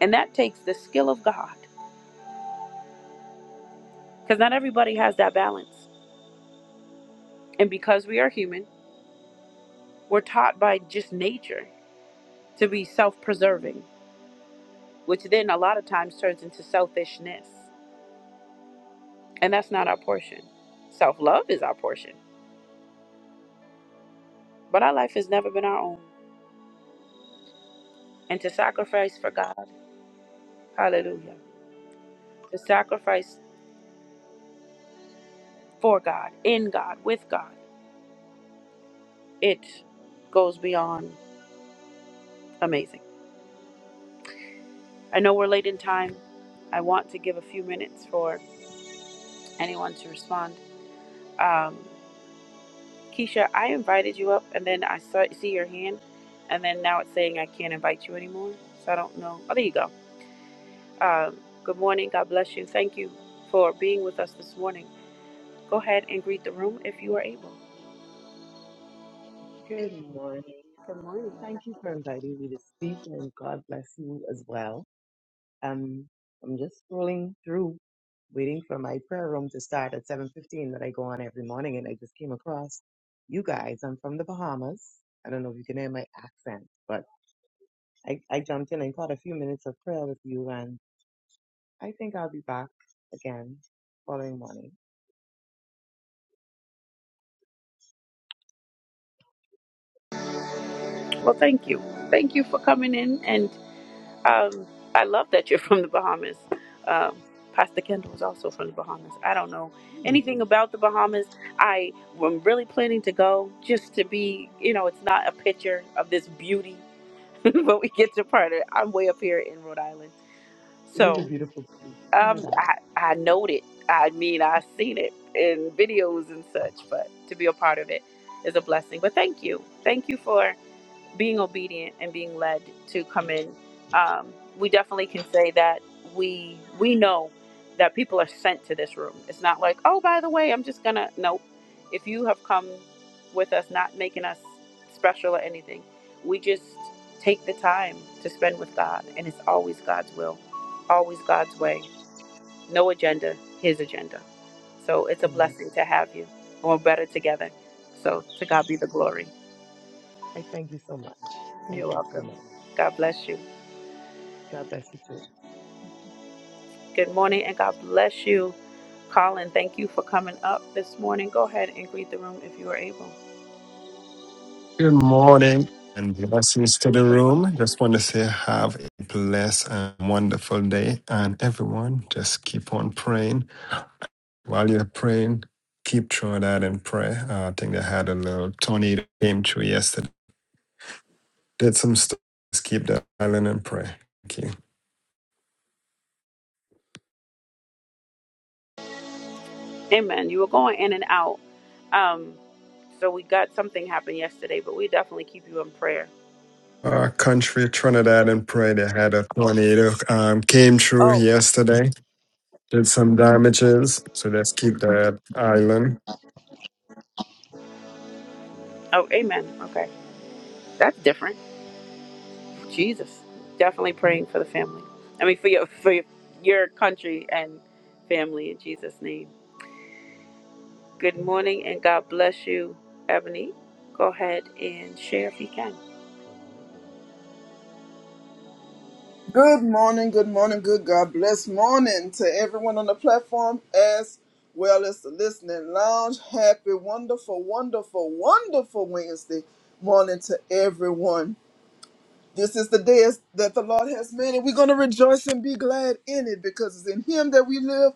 A: and that takes the skill of God because not everybody has that balance. And because we are human, we're taught by just nature to be self preserving, which then a lot of times turns into selfishness. And that's not our portion. Self love is our portion, but our life has never been our own. And to sacrifice for God, hallelujah, to sacrifice for God, in God, with God, it goes beyond amazing. I know we're late in time. I want to give a few minutes for anyone to respond. Um, Keisha, I invited you up, and then I saw, see your hand, and then now it's saying I can't invite you anymore. So I don't know. Oh, there you go. Um, good morning. God bless you. Thank you for being with us this morning. Go ahead and greet the room if you are able.
B: Good morning. Thank you for inviting me to speak, and God bless you as well. Um, I'm just scrolling through, waiting for my prayer room to start at 7:15 that I go on every morning, and I just came across you guys. I'm from the Bahamas. I don't know if you can hear my accent, but I, I jumped in and caught a few minutes of prayer with you, and I think I'll be back again following morning.
A: Well, thank you. Thank you for coming in, and. Um, I love that you're from the Bahamas. Um, Pastor Kendall is also from the Bahamas. I don't know
B: Hmm.
A: anything about the Bahamas. I am really planning to go just to be, you know, it's not a picture of this beauty, but we get to part of it. I'm way up here in Rhode Island.
B: It
A: So
B: is a beautiful
A: um,
B: paradise,
A: I, I know it. I mean, I've seen it in videos and such, but to be a part of it is a blessing. But thank you. Thank you for being obedient and being led to come in, um, we definitely can say that we we know that people are sent to this room. It's not like, oh, by the way, I'm just gonna. Nope. If you have come with us, not making us special or anything, we just take the time to spend with God, and it's always God's will, always God's way. No agenda, His agenda. So it's a
B: and uh,
A: blessing to have you. and We're better together. So to God be the glory.
B: I thank you so much. Thank
A: You're
B: you so
A: welcome.
B: much.
A: God bless you.
B: God bless you too.
A: Good morning and God bless you. Colin, thank you for coming up this morning. Go ahead and greet the room if you are able.
C: Good morning and blessings to the
A: Good morning.
C: room. Just want to say, have a blessed and wonderful day. And everyone, just keep on praying. While you're praying, keep Trinidad in prayer. Uh, I think they had a little tornado came through yesterday. Did some stuff. Just keep the island in prayer. Thank you.
A: Amen. You were going in and out. Um, so we got something happened yesterday, but we definitely keep you in prayer.
C: Our country, Trinidad in prayer, they had a tornado um, came through
A: Oh.
C: yesterday. Did some damages, so let's keep that island.
A: Oh, amen. Okay. That's different. Jesus. Definitely praying for the family. I mean for your for your your country and family in Jesus' name. Good morning and God bless you, Ebony. Go ahead and share if you can.
D: Good morning, good morning, good God bless morning to everyone on the platform as well as the listening lounge. Happy, wonderful, wonderful, wonderful Wednesday morning to everyone. This is the day is- that the Lord has made, and we're going to rejoice and be glad in it because it's in Him that we live,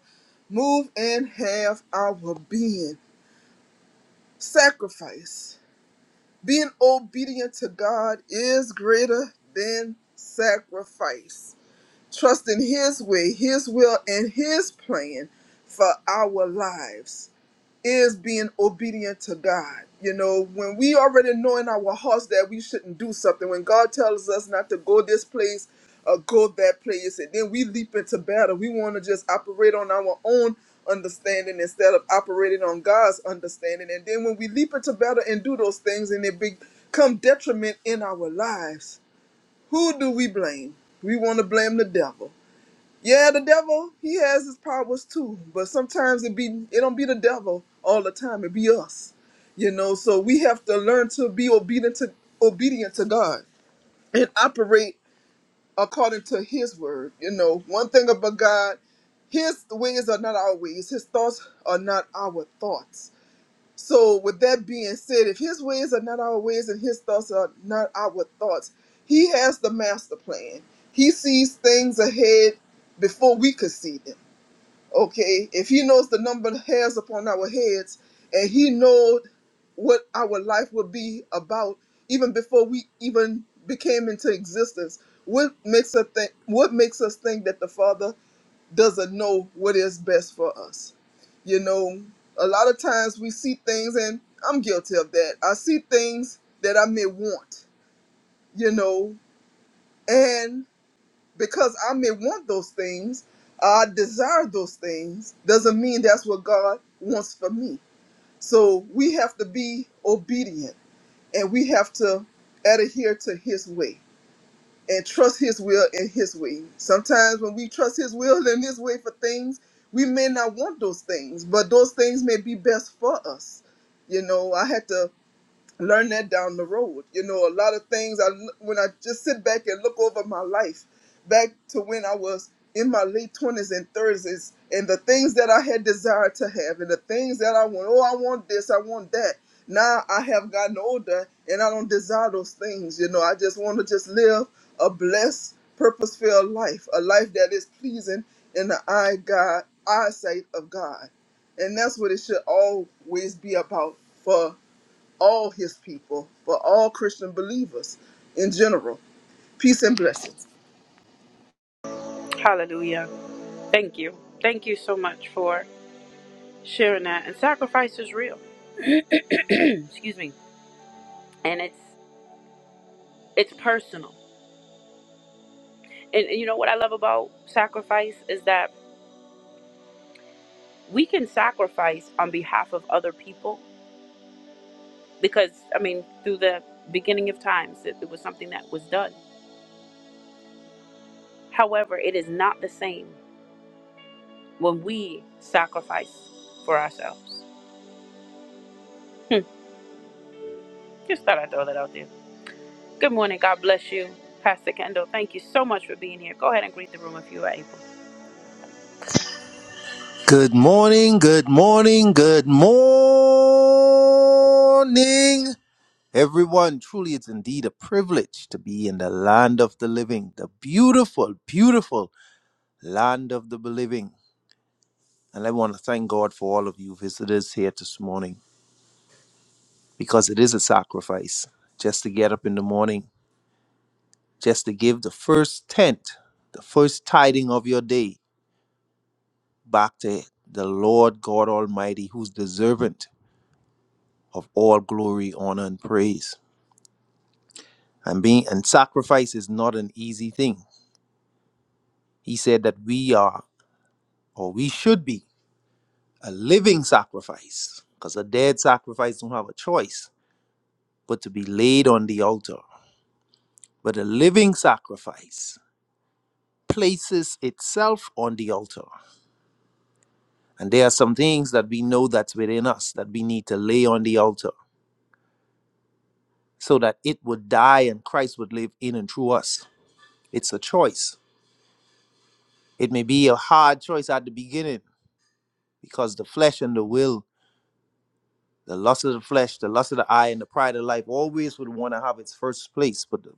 D: move, and have our being. Sacrifice. Being obedient to God is greater than sacrifice. trust in His way, His will, and His plan for our lives is being obedient to God. You know, when we already know in our hearts that we shouldn't do something, when God tells us not to go this place or go that place, and then we leap into battle, we want to just operate on our own understanding instead of operating on God's understanding. And then when we leap into battle and do those things and it become detriment in our lives, who do we blame? We want to blame the devil yeah, the devil, he has his powers too, but sometimes it be it don't be the devil all the time, it be us. You know, so we have to learn to be obedient to obedient to God and operate according to his word. You know, one thing about God, his ways are not our ways, his thoughts are not our thoughts. So with that being said, if his ways are not our ways and his thoughts are not our thoughts, he has the master plan. He sees things ahead before we could see them okay, if he knows the number of hairs upon our heads, and he knows what our life would be about even before we even became into existence, what makes us think what makes us think that the Father doesn't know what is best for us? You know, a lot of times we see things and I'm guilty of that. I see things that I may want, you know, and because I may want those things, I desire those things, doesn't mean that's what God wants for me. So we have to be obedient and we have to adhere to His way and trust His will and His way. Sometimes when we trust His will and His way for things, we may not want those things, but those things may be best for us. You know, I had to learn that down the road. You know, a lot of things. I when I just sit back and look over my life, back to when I was in my late twenties and thirties, and the things that I had desired to have, and the things that I want. Oh, I want this. I want that. Now I have gotten older, and I don't desire those things. You know, I just want to just live a blessed, purpose-filled life, a life that is pleasing in the eye God eyesight of God, and that's what it should always be about for all his people, for all Christian believers in general. Peace and blessings.
A: Hallelujah. Thank you. Thank you so much for sharing that. And sacrifice is real. Excuse me. And it's it's personal. And, and you know what I love about sacrifice is that we can sacrifice on behalf of other people because I mean through the beginning of times it, it was something that was done. However, it is not the same when we sacrifice for ourselves. Hmm. Just thought I'd throw that out there. Good morning. God bless you, Pastor Kendall. Thank you so much for being here. Go ahead and greet the room if you are able.
E: Good morning, good morning, good morning, everyone. Truly, it's indeed a privilege to be in the land of the living, the beautiful, beautiful land of the living. And I want to thank God for all of you visitors here this morning because it is a sacrifice just to get up in the morning, just to give the first tent, the first tiding of your day back to the Lord God Almighty who's deserving of all glory, honor, and praise. And being and sacrifice is not an easy thing. He said that we are, or we should be, a living sacrifice, because a dead sacrifice don't have a choice but to be laid on the altar. But a living sacrifice places itself on the altar. And there are some things that we know that's within us that we need to lay on the altar so that it would die and Christ would live in and through us. It's a choice. It may be a hard choice at the beginning, because the flesh and the will, the lust of the flesh, the lust of the eye, and the pride of life always would want to have its first place. But the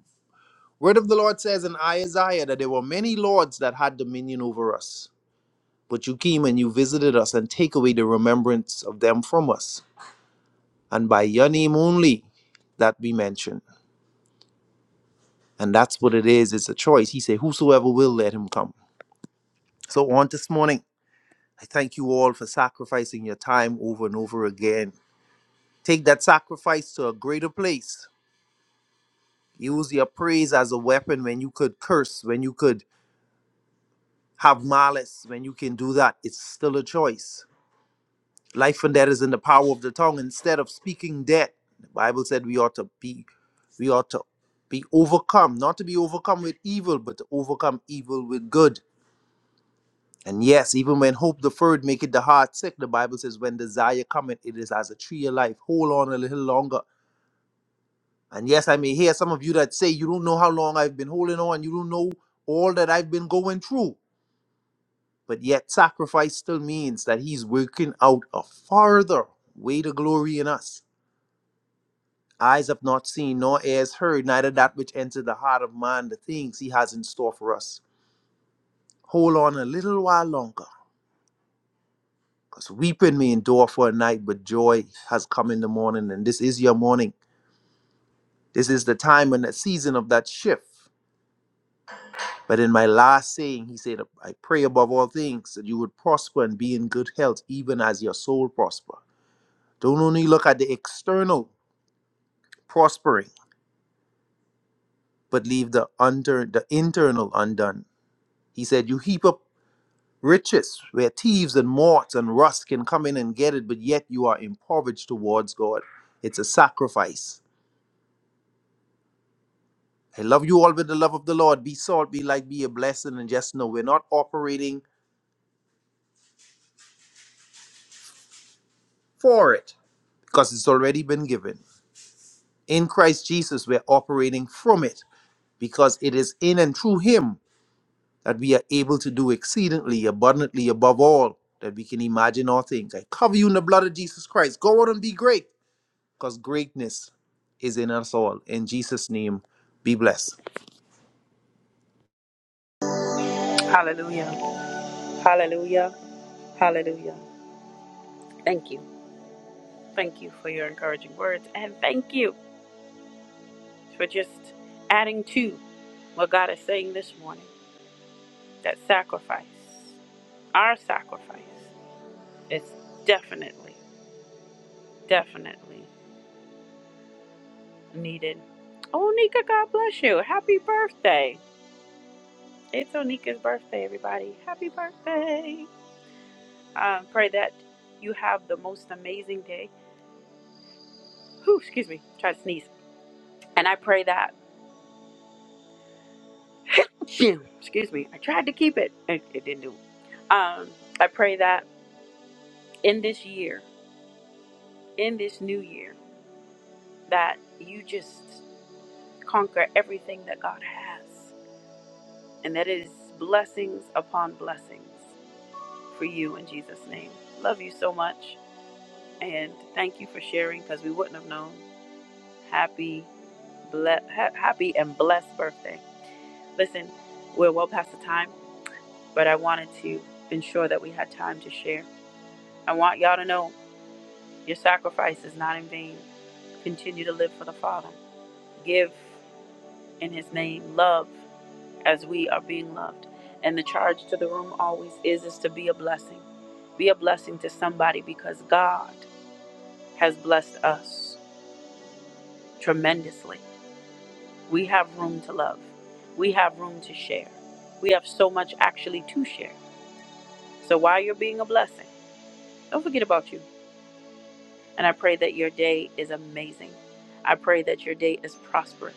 E: word of the Lord says in Isaiah that there were many lords that had dominion over us. But you came and you visited us and take away the remembrance of them from us. And by your name only that be mentioned. And that's what it is. It's a choice. He said, Whosoever will, let him come. So on this morning, I thank you all for sacrificing your time over and over again. Take that sacrifice to a greater place Use your praise as a weapon when you could curse, when you could have malice, when you can do that. It's still a choice. Life and death is in the power of the tongue. Instead of speaking death, the Bible said we ought to be we ought to be overcome, not to be overcome with evil, but to overcome evil with good. And yes, even when hope deferred maketh the heart sick, the Bible says when desire cometh, it is as a tree of life. Hold on a little longer And yes, I may hear some of you that say, You don't know how long I've been holding on. You don't know all that I've been going through. But yet, sacrifice still means that He's working out a farther way to glory in us. Eyes have not seen, nor ears heard, neither that which entered the heart of man, the things He has in store for us. Hold on a little while longer, because weeping may endure for a night, but joy has come in the morning. And this is your morning. This is the time and the season of that shift But in my last saying, he said, I pray above all things that you would prosper and be in good health, even as your soul prosper. Don't only look at the external prospering, but leave the under the internal undone. He said, You heap up riches where thieves and moths and rust can come in and get it, but yet you are impoverished towards God. It's a sacrifice. I love you all with the love of the Lord. Be salt, be light, be a blessing, and just know we're not operating for it because it's already been given in Christ Jesus, we're operating from it because it is in and through Him that we are able to do exceedingly abundantly above all that we can imagine or think. I cover you in the blood of Jesus Christ. Go out and be great because greatness is in us all. In Jesus' name, be blessed.
A: Hallelujah. Hallelujah. Hallelujah. Thank you. Thank you for your encouraging words. And thank you for just adding to what God is saying this morning that sacrifice, our sacrifice, is definitely, definitely needed. Oh, Nika, God bless you. Happy birthday. It's Onika's birthday, everybody. Happy birthday. I uh, pray that you have the most amazing day. Whew, excuse me, try to sneeze. And I pray that, excuse me, I tried to keep it, it, it didn't do it. Um, I pray that in this year, in this new year, that you just conquer everything that God has. And that is blessings upon blessings for you in Jesus' name. Love you so much. And thank you for sharing because we wouldn't have known. Happy, ble- ha- happy and blessed birthday. Listen, we're well past the time, but I wanted to ensure that we had time to share. I want y'all to know your sacrifice is not in vain. Continue to live for the Father. Give in His name love as we are being loved. And the charge to the room always is is to be a blessing. Be a blessing to somebody because God has blessed us tremendously. We have room to love. We have room to share. We have so much actually to share. So while you're being a blessing, Don't forget about you. And I pray that your day is amazing. I pray that your day is prosperous.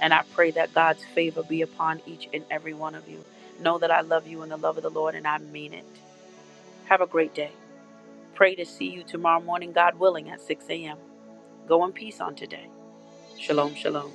A: And I pray that God's favor be upon each and every one of you. Know that I love you in the love of the Lord, and I mean it. Have a great day. Pray to see you tomorrow morning, God willing, at 6 a.m. Go in peace on today. Shalom, shalom.